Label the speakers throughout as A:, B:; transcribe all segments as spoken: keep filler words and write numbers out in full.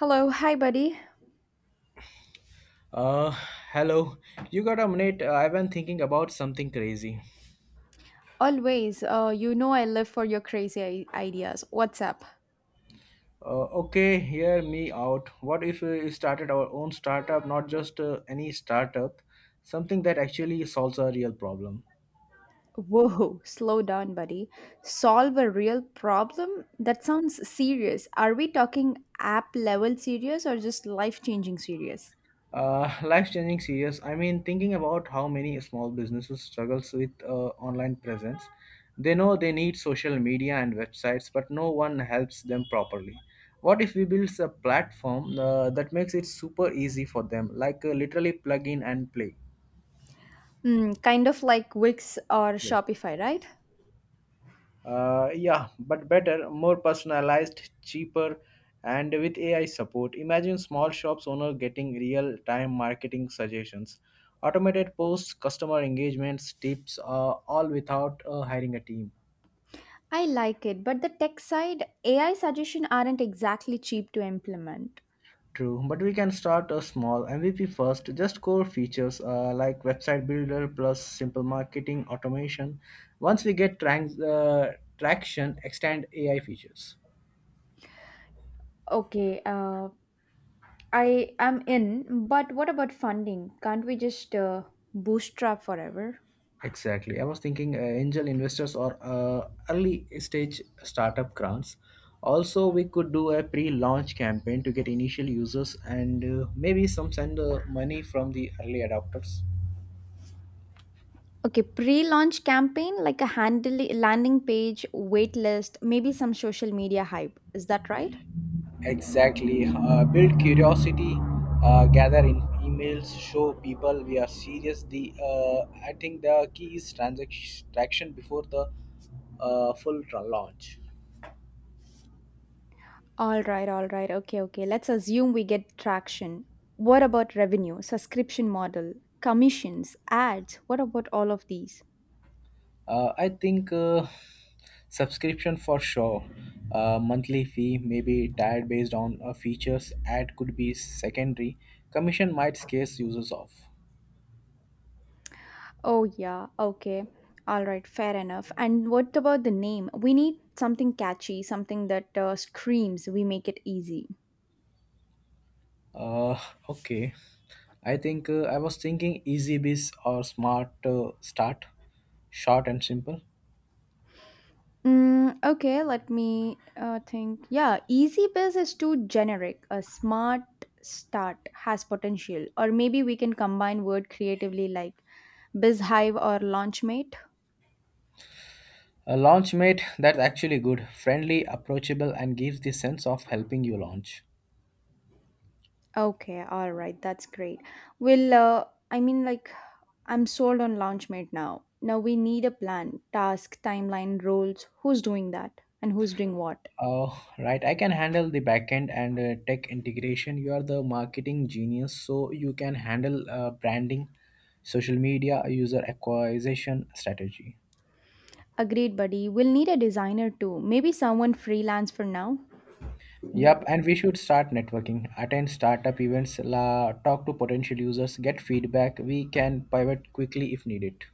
A: Hello, hi buddy.
B: Uh, Hello. You got a minute? Uh, I've been thinking about something crazy.
A: Always, uh, you know I live for your crazy i- ideas. What's up?
B: Uh, okay, hear me out. What if we started our own startup, not just uh, any startup, something that actually solves a real problem?
A: Whoa, slow down, buddy. Solve a real problem? That sounds serious. Are we talking app level serious or just life changing serious?
B: Uh, life-changing series. I mean, thinking about how many small businesses struggles with uh, online presence. They know they need social media and websites, but no one helps them properly. What if we build a platform uh, that makes it super easy for them, like uh, literally plug in and play?
A: Hmm, kind of like Wix or Shopify, right?
B: Uh, yeah, but better, more personalized, cheaper, and with A I support. Imagine small shops owner getting real time marketing suggestions, automated posts, customer engagements, tips, uh, all without uh, hiring a team.
A: I like it, but the tech side, A I suggestion aren't exactly cheap to implement.
B: True, but we can start a small M V P first. Just core features uh, like website builder plus simple marketing automation. Once we get trans- uh, traction, extend A I features.
A: Okay, uh, I am in, but what about funding? Can't we just uh, bootstrap forever?
B: Exactly. I was thinking uh, angel investors or uh, early stage startup grants. Also, we could do a pre launch campaign to get initial users and uh, maybe some send uh, money from the early adopters.
A: Okay, pre-launch campaign like a handle landing page, wait list, maybe some social media hype. Is that right?
B: Exactly. Uh, build curiosity, uh, gather in emails, show people we are serious. The uh, I think the key is transaction before the uh, full tra- launch.
A: All right, all right. Okay, okay. Let's assume we get traction. What about revenue, subscription model, commissions, ads? What about all of these?
B: Uh, I think uh, subscription for sure. Uh, monthly fee may be tied based on uh, features. Ad could be secondary. Commission might scare users off.
A: Oh yeah, okay. All right, fair enough. And what about the name? We need something catchy, something that uh, screams we make it easy.
B: Uh, okay. I think uh, I was thinking easy biz or smart uh, start, short and simple.
A: Mm, okay, let me uh, think. Yeah, easy biz is too generic. A smart start has potential. Or maybe we can combine word creatively like BizHive or Launchmate.
B: A launch mate that's actually good, friendly, approachable, and gives the sense of helping you launch.
A: Okay, all right, that's great. Well, uh, I mean, like, I'm sold on Launchmate now. Now we need a plan, task, timeline, roles, who's doing that, and who's doing what.
B: Oh, right. I can handle the backend and uh, tech integration. You are the marketing genius, so you can handle uh, branding, social media, user acquisition strategy.
A: Agreed, buddy. We'll need a designer too. Maybe someone freelance for now.
B: Yep, and we should start networking, attend startup events, la, talk to potential users, get feedback. We can pivot quickly if needed.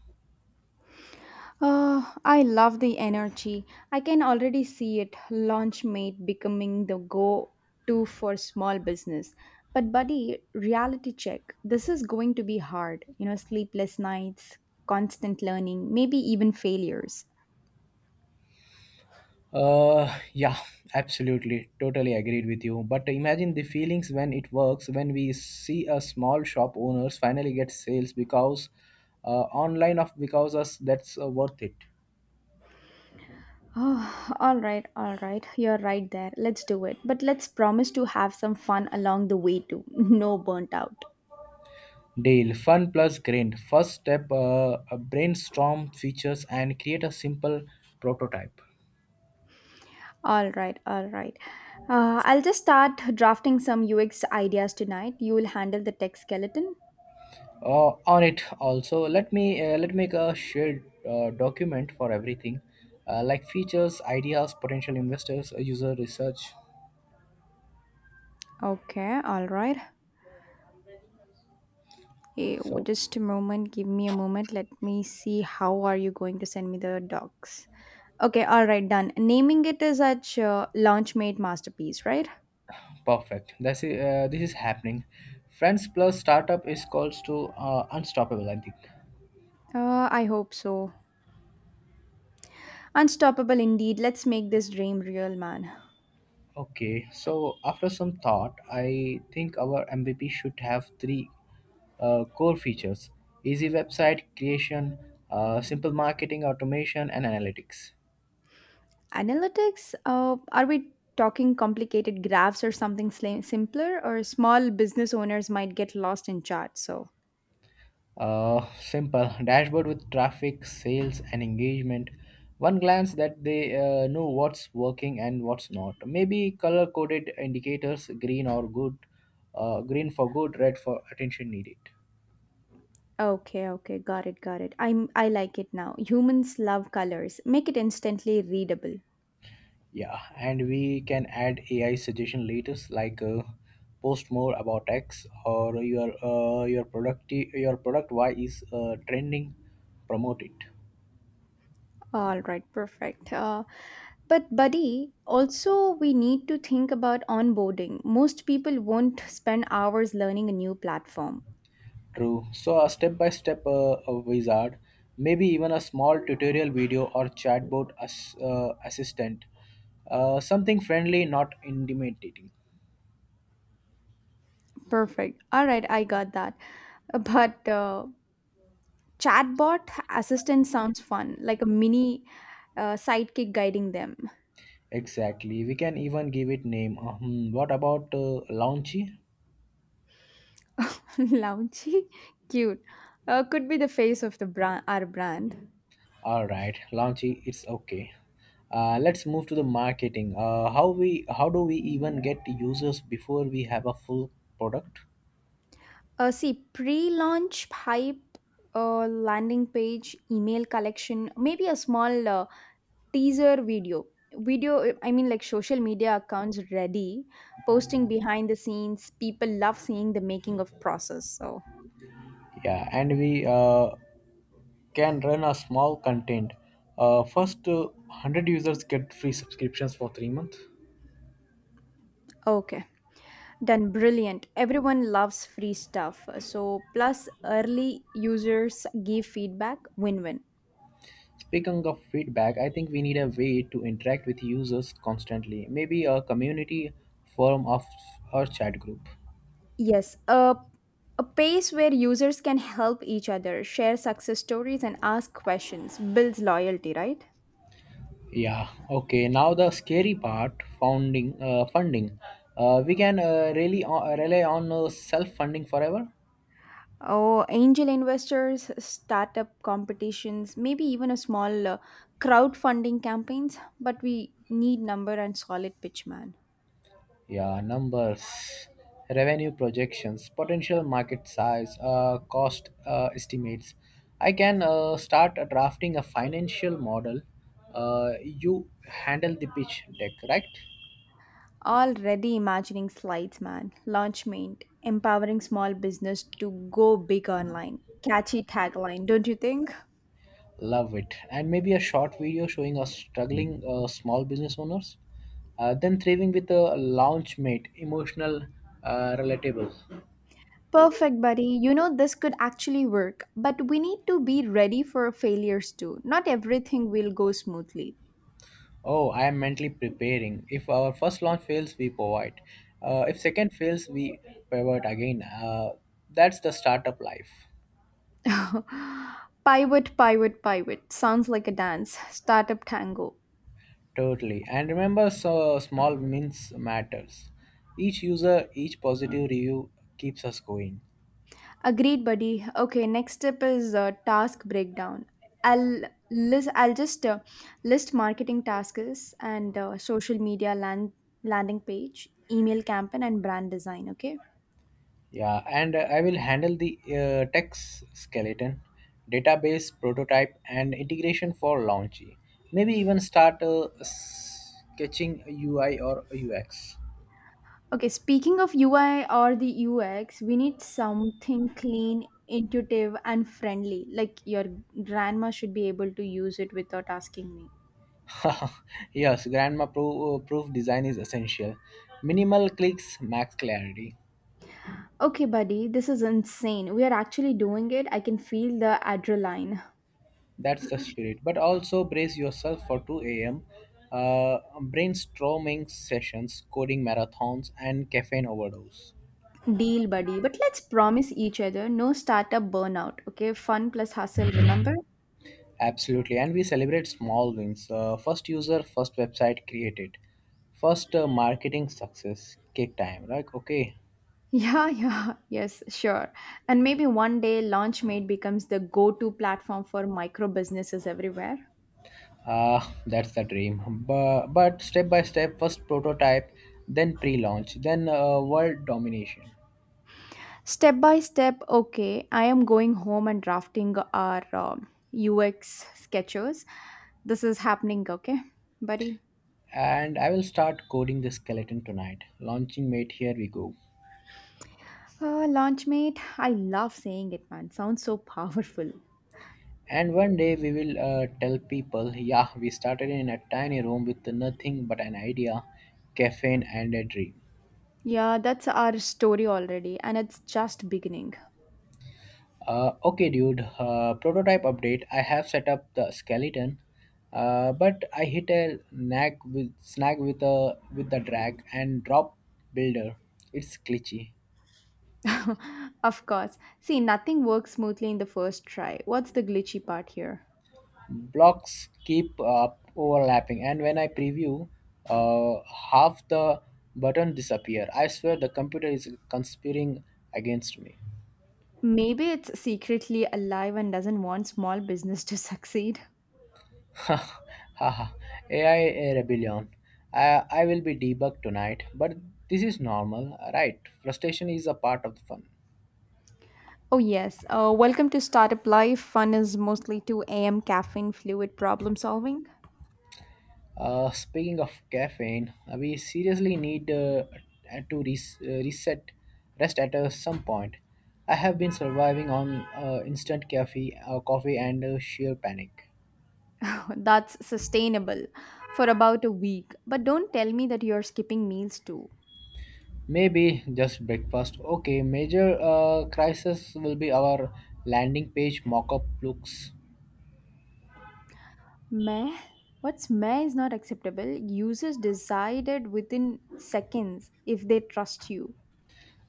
A: Oh, I love the energy. I can already see it. Launchmate becoming the go to for small business. But, buddy, reality check. This is going to be hard. You know, sleepless nights, constant learning, maybe even failures.
B: Uh, yeah, absolutely. Totally agreed with you. But imagine the feelings when it works, when we see a small shop owners finally get sales because uh, online of because us that's uh, worth it.
A: Oh, all right, all right. You're right there. Let's do it. But let's promise to have some fun along the way, too. No burnt out.
B: Deal fun plus grind. First step: uh, a brainstorm features and create a simple prototype.
A: All right, all right. Uh, I'll just start drafting some U X ideas tonight. You will handle the tech skeleton.
B: Uh, on it also, let me uh, let make a shared uh, document for everything, uh, like features, ideas, potential investors, uh, user research.
A: Okay, all right. Eh, w-
B: So.
A: Just a moment. Give me a moment. Let me see how are you going to send me the docs. Okay, all right, done. Naming it as such uh, Launchmate Masterpiece, right?
B: Perfect. This is, uh, this is happening. Friends plus startup is calls to uh, unstoppable, I think.
A: Uh, I hope so. Unstoppable indeed. Let's make this dream real, man.
B: Okay, so after some thought, I think our M V P should have three uh, core features easy website creation, uh, simple marketing, automation, and analytics.
A: Analytics? Uh, are we talking complicated graphs or something sli- simpler? Or small business owners might get lost in charts. So
B: Uh, simple dashboard with traffic, sales, and engagement. One glance that they uh, know what's working and what's not. Maybe color coded indicators, green or good, uh, green for good, red for attention needed.
A: okay, okay, got it, got it. I'm I like it now. Humans love colors. Make it instantly readable.
B: Yeah, and we can add A I suggestion later, like uh, post more about X or your uh, your product your product Y is uh, trending, promote it.
A: All right, perfect. Uh, but buddy, also we need to think about onboarding. Most people won't spend hours learning a new platform.
B: True. So a step-by-step uh, a wizard, maybe even a small tutorial video or chatbot as, uh, assistant, uh, something friendly, not intimidating.
A: Perfect. All right, I got that. But uh, chatbot assistant sounds fun, like a mini uh, sidekick guiding them.
B: Exactly. We can even give it name. Uh, hmm, what about uh, Launchy?
A: Launchy, cute. Uh, could be the face of the brand, our brand.
B: All right, Launchy, it's okay. Uh, let's move to the marketing. Uh, how we how do we even get users before we have a full product?
A: Uh, see, pre-launch hype, uh, landing page, email collection, maybe a small uh, teaser video. Video, I mean, like social media accounts ready, posting behind the scenes. People love seeing the making of process. So,
B: Yeah, and we uh, can run a small content. Uh, first uh, one hundred users get free subscriptions for three months.
A: okay. Done brilliant. Everyone loves free stuff. So, plus early users give feedback win win.
B: Speaking of feedback, I think we need a way to interact with users constantly. Maybe a community forum of or chat group.
A: Yes, a, a pace where users can help each other, share success stories, and ask questions builds loyalty, right?
B: Yeah. Okay. Now the scary part: founding uh, funding. Uh, we can uh, really uh, rely on uh, self-funding forever.
A: Oh, angel investors, startup competitions, maybe even a small uh, crowdfunding campaigns, but we need number and solid pitch man.
B: Yeah, numbers, revenue projections, potential market size, uh, cost uh, estimates. I can uh, start uh, drafting a financial model. Uh, you handle the pitch deck, right?
A: Already imagining slides, man. Launch mate, empowering small business to go big online. Catchy tagline, don't you think?
B: Love it. And maybe a short video showing us struggling uh, small business owners, uh, then thriving with a launch mate, emotional, uh, relatable.
A: Perfect, buddy. You know, this could actually work, but we need to be ready for failures too. Not everything will go smoothly.
B: Oh, I am mentally preparing. If our first launch fails, we pivot. Uh, if second fails, we pivot again. Uh, that's the startup life.
A: Pivot, pivot, pivot. Sounds like a dance. Startup tango.
B: Totally. And remember, so small wins matters. Each user, each positive review keeps us going.
A: Agreed, buddy. Okay, next step is uh, task breakdown. I'll list. I'll just uh, list marketing tasks and uh, social media land landing page, email campaign, and brand design. Okay.
B: Yeah, and uh, I will handle the uh, tech s- skeleton, database, prototype, and integration for launchy. Maybe even start uh, sketching U I or U X.
A: Okay. Speaking of U I or the U X, we need something clean, intuitive, and friendly. Like your grandma should be able to use it without asking me.
B: Yes, grandma pro- uh, proof design is essential. Minimal clicks, max clarity.
A: Okay, buddy, this is insane. We are actually doing it. I can feel the adrenaline.
B: That's the spirit. But also brace yourself for two a m. Uh, brainstorming sessions, coding marathons, and caffeine overdose.
A: Deal, buddy. But let's promise each other no startup burnout, okay? Fun plus hustle, remember?
B: Absolutely. And we celebrate small wins. Uh, first user, first website created. First uh, marketing success. Cake time, right? Okay.
A: Yeah, yeah, yes, sure. And maybe one day Launchmate becomes the go to platform for micro businesses everywhere.
B: Ah, that's the dream. But, but step by step, first prototype, then pre launch, then uh, world domination.
A: Step by step, okay, I am going home and drafting our um U X sketches. This is happening, okay, buddy?
B: And I will start coding the skeleton tonight. Launching mate, here we go.
A: Uh, Launchmate, I love saying it, man. Sounds so powerful.
B: And one day we will uh, tell people, yeah, we started in a tiny room with nothing but an idea, caffeine, and a dream.
A: Yeah, that's our story already, and it's just beginning.
B: Uh, okay, dude. Uh, prototype update. I have set up the skeleton, uh, but I hit a snag with snag with a with the drag and drop builder. It's glitchy.
A: Of course. See, nothing works smoothly in the first try. What's the glitchy part here?
B: Blocks keep uh, overlapping, and when I preview, uh, half the button disappear. I swear the computer is conspiring against me.
A: Maybe it's secretly alive and doesn't want small business to succeed.
B: Haha, A I rebellion. I, I will be debugged tonight, but this is normal, right? Frustration is a part of the fun.
A: Oh, yes. Uh, welcome to Startup Life. Fun is mostly two a m caffeine fluid problem solving.
B: Uh, speaking of caffeine, uh, we seriously need uh, to res- uh, reset, rest at uh, some point. I have been surviving on uh, instant caffeine, uh, coffee, and uh, sheer panic.
A: That's sustainable for about a week. But don't tell me that you're skipping meals too.
B: Maybe just breakfast. Okay, major uh, crisis will be our landing page mock-up looks.
A: Meh? What's meh is not acceptable. Users decided within seconds if they trust you.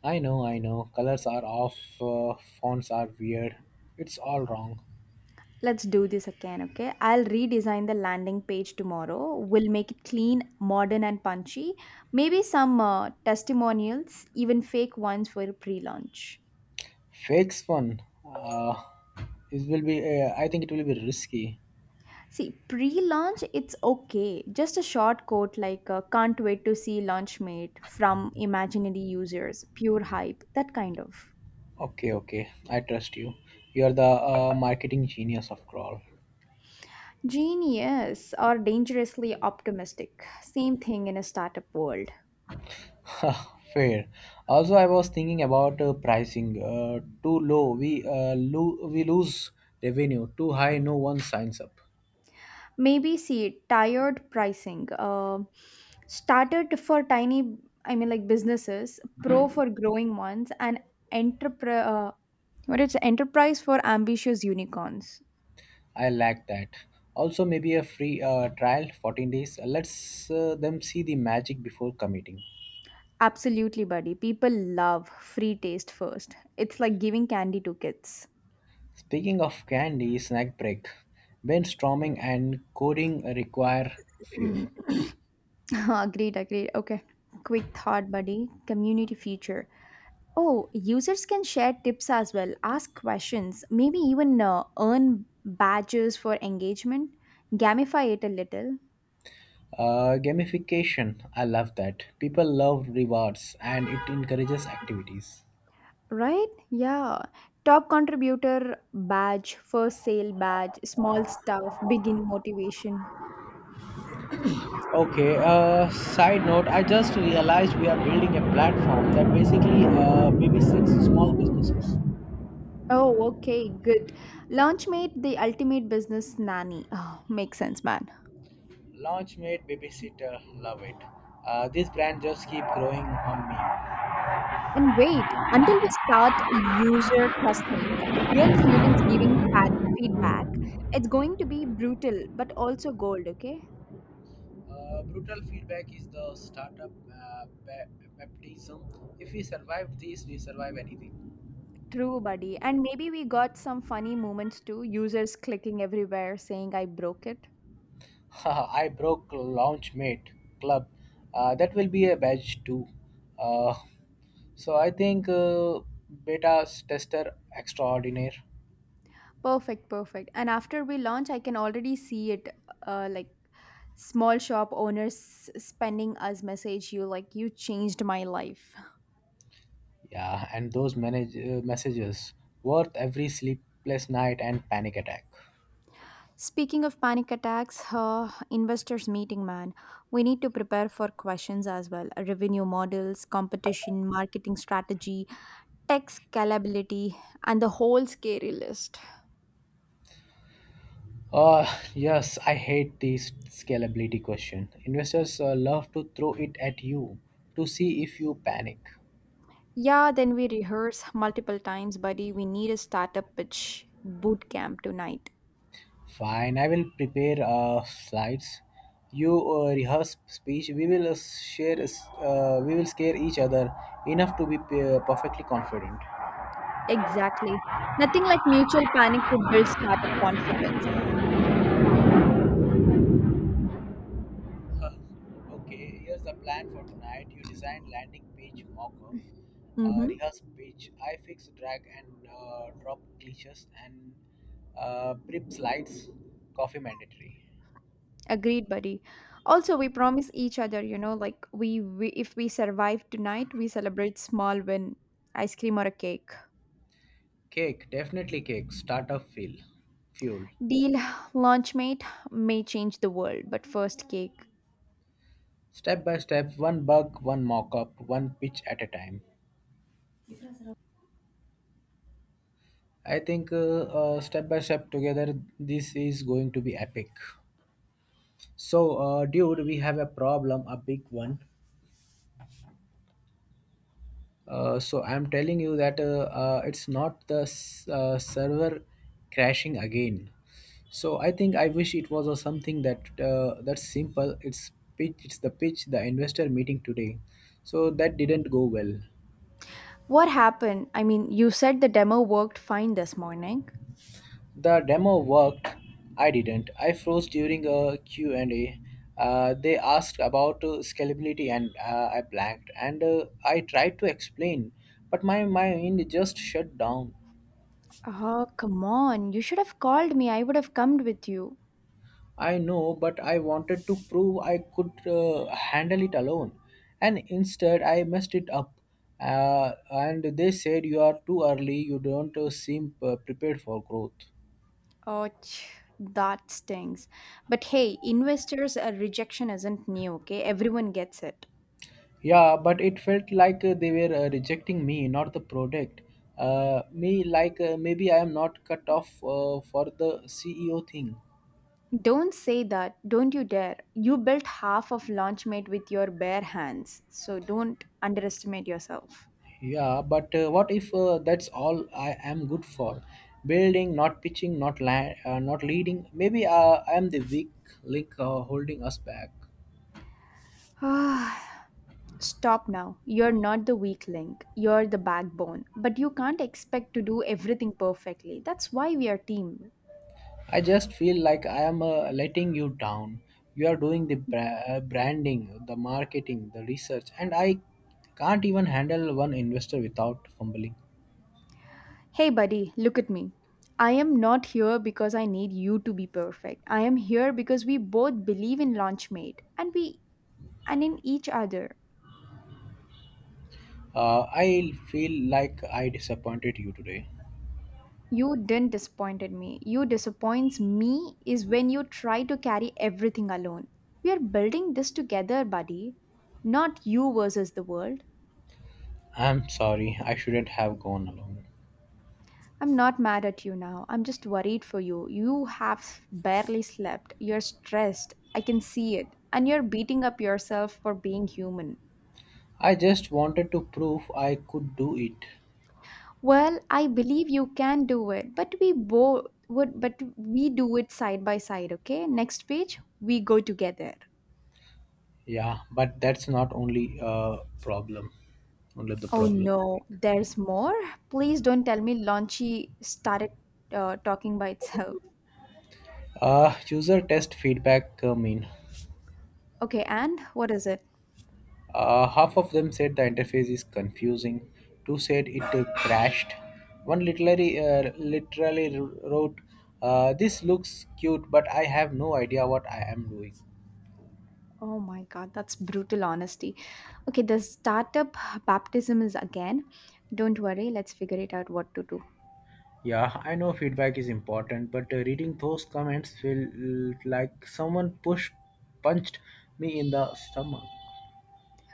B: I know, I know. Colors are off, uh, fonts are weird. It's all wrong.
A: Let's do this again, okay? I'll redesign the landing page tomorrow. We'll make it clean, modern, and punchy. Maybe some uh, testimonials, even fake ones for pre launch.
B: Fakes fun. Uh, it will be. Uh, I think it will be risky.
A: See, pre launch, it's okay. Just a short quote like, uh, can't wait to see launch mate from imaginary users, pure hype, that kind of.
B: Okay, okay. I trust you. You're the uh, marketing genius after all.
A: Genius or dangerously optimistic. Same thing in a startup world.
B: Fair. Also, I was thinking about uh, pricing. Uh, too low, we uh, lo- we lose revenue. Too high, no one signs up.
A: Maybe see tiered pricing uh, started for tiny i mean like businesses pro for growing ones and entrepre uh, what it's enterprise for ambitious unicorns.
B: I like that. Also, maybe a free uh, trial, fourteen days. Uh, Let's uh, them see the magic before committing.
A: Absolutely, buddy. People love free taste first. It's like giving candy to kids.
B: Speaking of candy, snack break. Brainstorming and coding require fuel.
A: Agreed, agreed. Okay, quick thought buddy, community feature. Oh, users can share tips as well, ask questions, maybe even uh, earn badges for engagement, gamify it a little,
B: Uh, gamification, I love that. People love rewards and it encourages activities.
A: right? Yeah. Top contributor badge, first sale badge, small stuff, begin motivation.
B: Okay, uh, side note, I just realized we are building a platform that basically uh, babysits small businesses.
A: Oh, okay, good. Launchmate, the ultimate business nanny. Oh, makes sense, man.
B: Launchmate Babysitter, love it. Uh, this brand just keep growing on me.
A: And wait, until we start user testing, real humans giving fad feedback, it's going to be brutal but also gold, okay?
B: Uh, brutal feedback is the startup uh, ba- baptism. If we survive this, we survive anything.
A: True, buddy. And maybe we got some funny moments too, users clicking everywhere saying I broke it.
B: I broke Launchmate Club. Uh, that will be a badge too. Uh, so I think uh, beta tester extraordinaire.
A: Perfect, perfect. And after we launch, I can already see it uh, like small shop owners spending us message you like you changed my life.
B: Yeah, and those manage- uh, messages worth every sleepless night and panic attack.
A: Speaking of panic attacks, uh, investors meeting, man. We need to prepare for questions as well. Revenue models, competition, marketing strategy, tech scalability, and the whole scary list.
B: Uh, yes, I hate this scalability question. Investors uh, love to throw it at you to see if you panic.
A: Yeah, then we rehearse multiple times, buddy. We need a startup pitch boot camp tonight.
B: Fine, I will prepare uh, slides. You uh, rehearse speech. We will uh, share. Uh, we will scare each other enough to be uh, perfectly confident.
A: Exactly. Nothing like mutual panic to build startup confidence.
B: Okay, here's the plan for tonight. You design landing page mockup, uh,
A: Mm-hmm.
B: rehearse page, I fix drag and uh, drop glitches, and uh, prep slides. Coffee mandatory.
A: Agreed, buddy. Also, we promise each other, you know, like we, we if we survive tonight, we celebrate small win, ice cream or a cake.
B: Cake, definitely cake. Startup feel, fuel.
A: Deal, launch mate may change the world, but first cake.
B: Step by step, one bug, one mockup, one pitch at a time. I think uh, uh, step by step together, this is going to be epic. So, uh, dude, we have a problem, a big one. Uh, so I'm telling you that uh, uh, it's not the s- uh, server crashing again. So I think I wish it was a something that uh, that's simple. It's pitch. It's the pitch. The investor meeting today. So that didn't go well.
A: What happened? I mean, you said the demo worked fine this morning.
B: The demo worked. I didn't. I froze during a Q and A. Uh, they asked about uh, scalability and uh, I blanked. And uh, I tried to explain, but my mind just shut down.
A: Oh, come on. You should have called me. I would have come with you.
B: I know, but I wanted to prove I could uh, handle it alone. And instead, I messed it up. Uh, and they said, "You are too early, you don't uh, seem uh, prepared for growth."
A: Oh, ch- that stings. But hey, investors, uh, rejection isn't new, okay? Everyone gets it.
B: Yeah, but it felt like uh, they were uh, rejecting me, not the product. Uh, me, like uh, maybe I am not cut off uh, for the C E O thing.
A: Don't say that. Don't you dare. You built half of Launchmate with your bare hands. So don't underestimate yourself.
B: Yeah, but uh, what if uh, that's all I am good for? Building, not pitching, not la- uh, not leading. Maybe uh, I am the weak link uh, holding us back.
A: Ah, Stop now. You're not the weak link. You're the backbone. But you can't expect to do everything perfectly. That's why we are team.
B: I just feel like I am uh, letting you down. You are doing the bra- uh, branding, the marketing, the research, and I can't even handle one investor without fumbling.
A: Hey buddy, look at me. I am not here because I need you to be perfect. I am here because we both believe in Launchmate and we and in each other.
B: Uh, I feel like I disappointed you today.
A: You didn't disappointed me. You disappoints me is when you try to carry everything alone. We are building this together, buddy. Not you versus the world.
B: I'm sorry, I shouldn't have gone along.
A: I'm not mad at you now. I'm just worried for you. You have barely slept. You're stressed. I can see it. And you're beating up yourself for being human.
B: I just wanted to prove I could do it.
A: Well, I believe you can do it, but we both would but we do it side by side, okay? Next page, we go together.
B: Yeah, but that's not only a problem. Only the
A: Oh
B: problem.
A: no, there's more? Please don't tell me Launchy started uh, talking by itself.
B: Uh, user test feedback uh, mean
A: Okay, and what is it?
B: uh, half of them said the interface is confusing. Two said it uh, crashed. One literally uh, literally wrote, uh, "This looks cute, but I have no idea what I am doing."
A: Oh my god, that's brutal honesty. Okay, the startup baptism is again. Don't worry, let's figure it out what to do.
B: Yeah, I know feedback is important, but uh, reading those comments felt like someone pushed punched me in the stomach.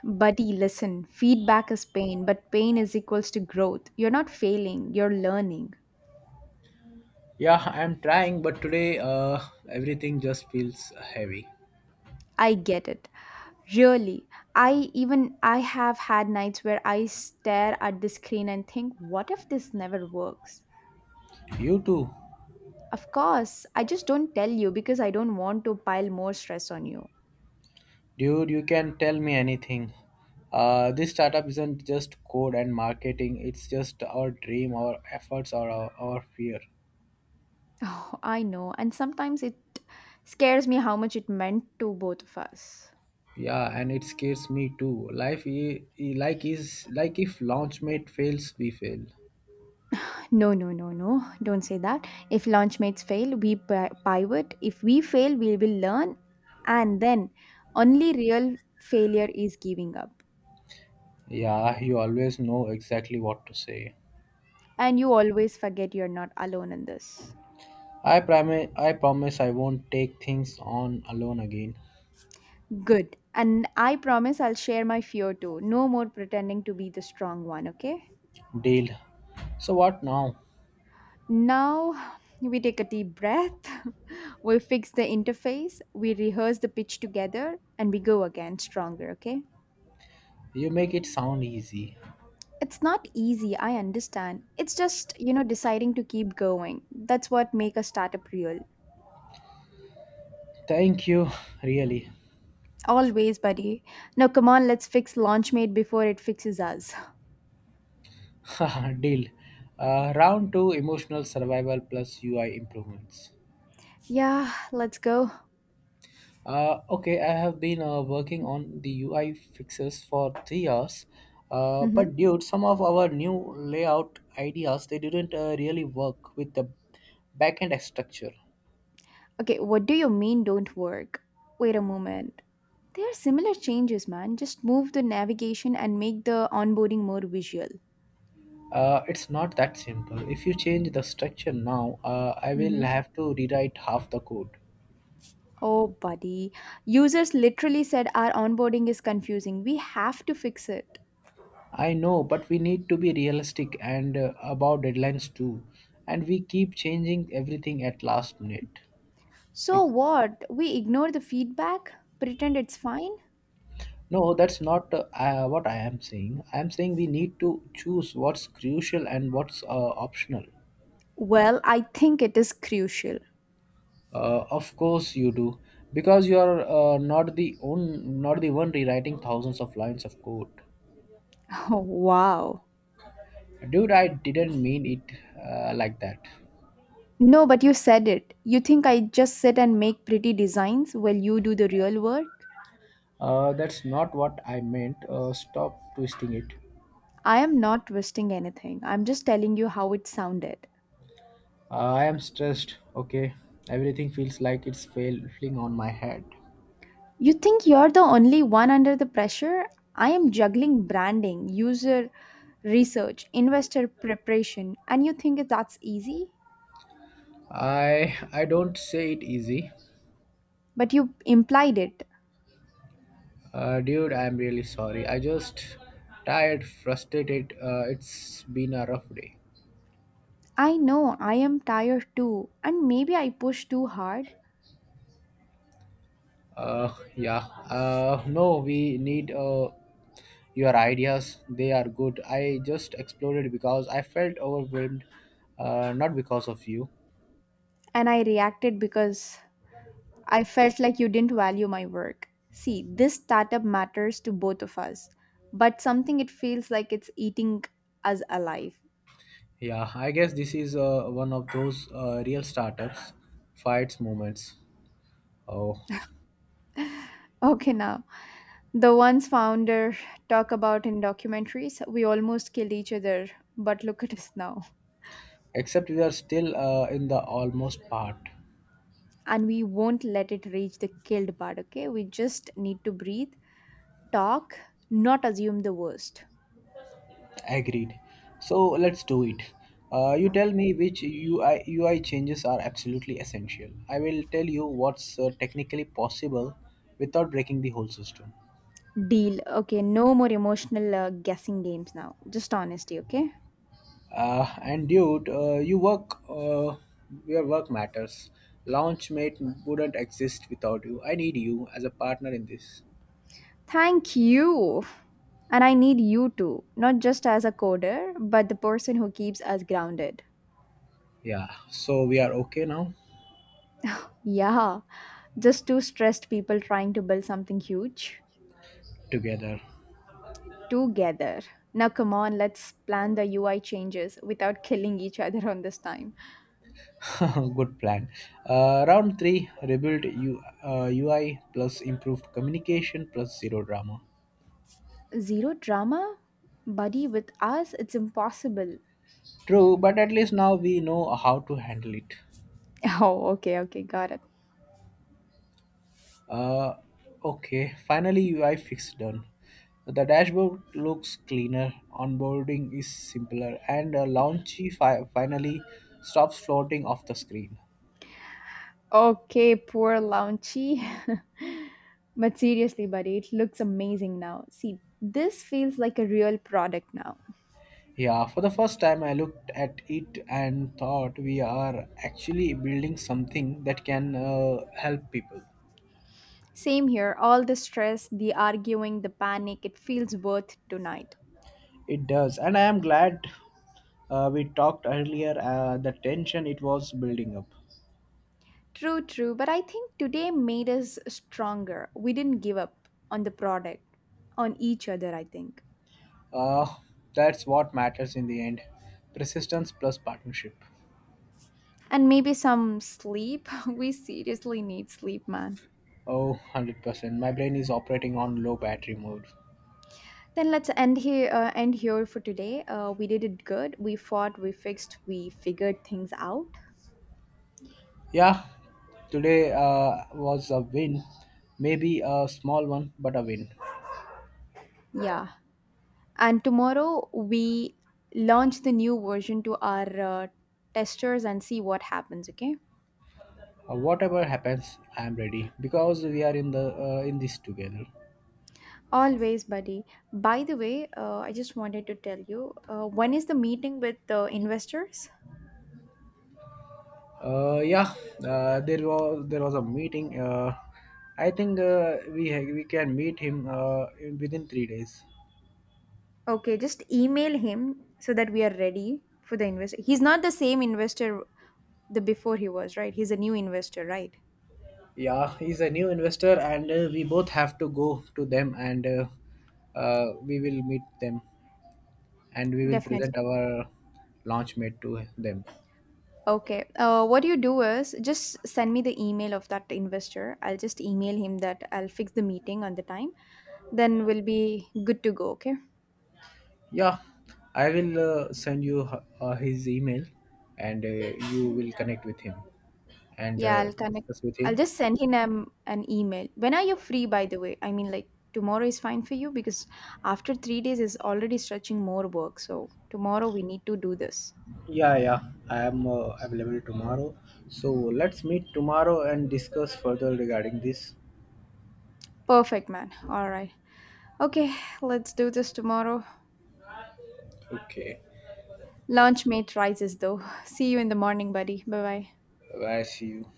A: Buddy, listen, feedback is pain, but pain is equals to growth. You're not failing, you're learning.
B: Yeah, I'm trying, but today uh, everything just feels heavy.
A: I get it. Really, I even I have had nights where I stare at the screen and think, what if this never works?
B: You too,
A: Of course, I just don't tell you because I don't want to pile more stress on you.
B: dude. You can tell me anything. Uh, this startup isn't just code and marketing. It's just our dream, our efforts, or our, our fear.
A: Oh, I know, and sometimes it scares me how much it meant to both of us.
B: Yeah, and it scares me too. Life, i- i- like is like if launchmate fails, we fail.
A: No, no, no, no, don't say that. If launchmates fail, we pi- pivot. If we fail, we will learn, and then only real failure is giving up.
B: Yeah, you always know exactly what to say.
A: And you always forget you're not alone in this.
B: I promise. I promise I won't take things on alone again.
A: Good. And I promise I'll share my fear too. No more pretending to be the strong one, okay?
B: Deal. So what now?
A: Now we take a deep breath, we fix the interface, we rehearse the pitch together, and we go again stronger, okay?
B: You make it sound easy.
A: It's not easy, I understand. It's just, you know, deciding to keep going. That's what make a startup real.
B: Thank you, really.
A: Always, buddy. Now come on, let's fix Launchmate before it fixes us.
B: Deal. Uh, round two, emotional survival plus U I improvements.
A: Yeah, let's go.
B: Uh, okay, I have been uh, working on the U I fixes for three hours. Uh,
A: Mm-hmm.
B: but dude, some of our new layout ideas, they didn't uh, really work with the backend structure.
A: Okay, what do you mean don't work? Wait a moment. They are similar changes, man. Just move the navigation and make the onboarding more visual.
B: Uh, it's not that simple. If you change the structure now, uh, I will
A: Mhm.
B: have to rewrite half the code.
A: Oh, buddy. Users literally said our onboarding is confusing. We have to fix it.
B: I know, but we need to be realistic and uh, about deadlines too. And we keep changing everything at last minute. Be-
A: So what? We ignore the feedback? Pretend it's fine?
B: No, that's not uh, uh, what I am saying. I am saying we need to choose what's crucial and what's uh, optional.
A: Well, I think it is crucial.
B: Uh, of course you do, because you are uh, not the own, not the one rewriting thousands of lines of code.
A: Oh, wow.
B: Dude, I didn't mean it uh, like that.
A: No, but you said it. You think I just sit and make pretty designs while you do the real work?
B: Uh, that's not what I meant. Uh, stop twisting it.
A: I am not twisting anything. I'm just telling you how it sounded.
B: I am stressed, okay? Everything feels like it's failing on my head.
A: You think you're the only one under the pressure? I am juggling branding, user research, investor preparation, and you think that's easy?
B: I I don't say it easy.
A: But you implied it.
B: Uh, dude, I'm really sorry. I just tired, frustrated. Uh, it's been a rough day.
A: I know I am tired too, and maybe I pushed too hard,
B: Uh, yeah. Uh, no, we need uh, your ideas. They are good. I just exploded because I felt overwhelmed, uh, not because of you.
A: and I reacted because I felt like you didn't value my work. See, this startup matters to both of us, but something it feels like it's eating us alive.
B: Yeah, I guess this is uh, one of those uh, real startups fights moments. Oh.
A: Okay, now the ones founder talk about in documentaries, we almost killed each other, but look at us now.
B: Except we are still uh, in the almost part.
A: And we won't let it reach the killed part, okay? We just need to breathe, talk, not assume the worst.
B: Agreed. So let's do it. Uh, you tell me which ui ui changes are absolutely essential. I will tell you what's uh, technically possible without breaking the whole system.
A: Deal. Okay, no more emotional uh, guessing games now, just honesty, okay?
B: Uh, and dude uh, you work uh, your work matters. Launchmate wouldn't exist without you. I need you as a partner in this.
A: Thank you. And I need you too, not just as a coder, but the person who keeps us grounded.
B: Yeah, so we are okay now.
A: Yeah, just two stressed people trying to build something huge
B: Together.
A: together. Now come on, let's plan the UI changes without killing each other on this time.
B: Good plan. Uh, round three, rebuild U, uh, U I plus improved communication plus zero drama.
A: Zero drama? Buddy, with us, it's impossible.
B: True, but at least now we know how to handle it.
A: Oh, okay, okay, got it.
B: Uh, okay, finally U I fix done. The dashboard looks cleaner, onboarding is simpler, and uh, Launchy fi- finally stops floating off the screen.
A: Okay, poor Launchy. But seriously, buddy, it looks amazing now. See, this feels like a real product now.
B: Yeah, for the first time I looked at it and thought we are actually building something that can uh, help people.
A: Same here, all the stress, the arguing, the panic, it feels worth tonight.
B: It does, and I am glad uh, we talked earlier. Uh, the tension, it was building up.
A: True, true, but I think today made us stronger. We didn't give up on the product, on each other, I think.
B: Uh, that's what matters in the end. Persistence plus partnership.
A: And maybe some sleep. We seriously need sleep, man.
B: Oh, one hundred percent. My brain is operating on low battery mode.
A: Then let's end here. Uh, end here for today. Uh, we did it good. We fought. We fixed. We figured things out.
B: Yeah, today uh, was a win. Maybe a small one, but a win.
A: Yeah. And tomorrow we launch the new version to our uh, testers and see what happens. Okay.
B: Uh, whatever happens, I am ready because we are in the uh, in this together.
A: Always, buddy. By the way, uh, I just wanted to tell you, uh, when is the meeting with the investors?
B: Uh, yeah, uh, there was there was a meeting. Uh, I think uh, we ha- we can meet him uh, in- within three days.
A: Okay, just email him so that we are ready for the investor. He's not the same investor the before he was, right? He's a new investor, right?
B: Yeah, he's a new investor, and uh, we both have to go to them, and uh, uh, we will meet them, and we will present
A: Definitely.
B: our launch mate to them.
A: Okay. Uh, what you do is just send me the email of that investor. I'll just email him that I'll fix the meeting on the time. Then we'll be good to go. Okay.
B: Yeah, I will uh, send you h- uh, his email, and uh, you will connect with him and
A: Yeah,
B: uh,
A: I'll connect.
B: discuss with
A: I'll
B: him.
A: just send him um, an email. When are you free, by the way? I mean, like tomorrow is fine for you because after three days is already stretching more work. So tomorrow we need to do this.
B: Yeah, yeah. I am uh, available tomorrow. So let's meet tomorrow and discuss further regarding this.
A: Perfect, man. All right. Okay, let's do this tomorrow.
B: Okay.
A: Lunch mate rises though. See you in the morning, buddy. Bye bye.
B: Bye. See you.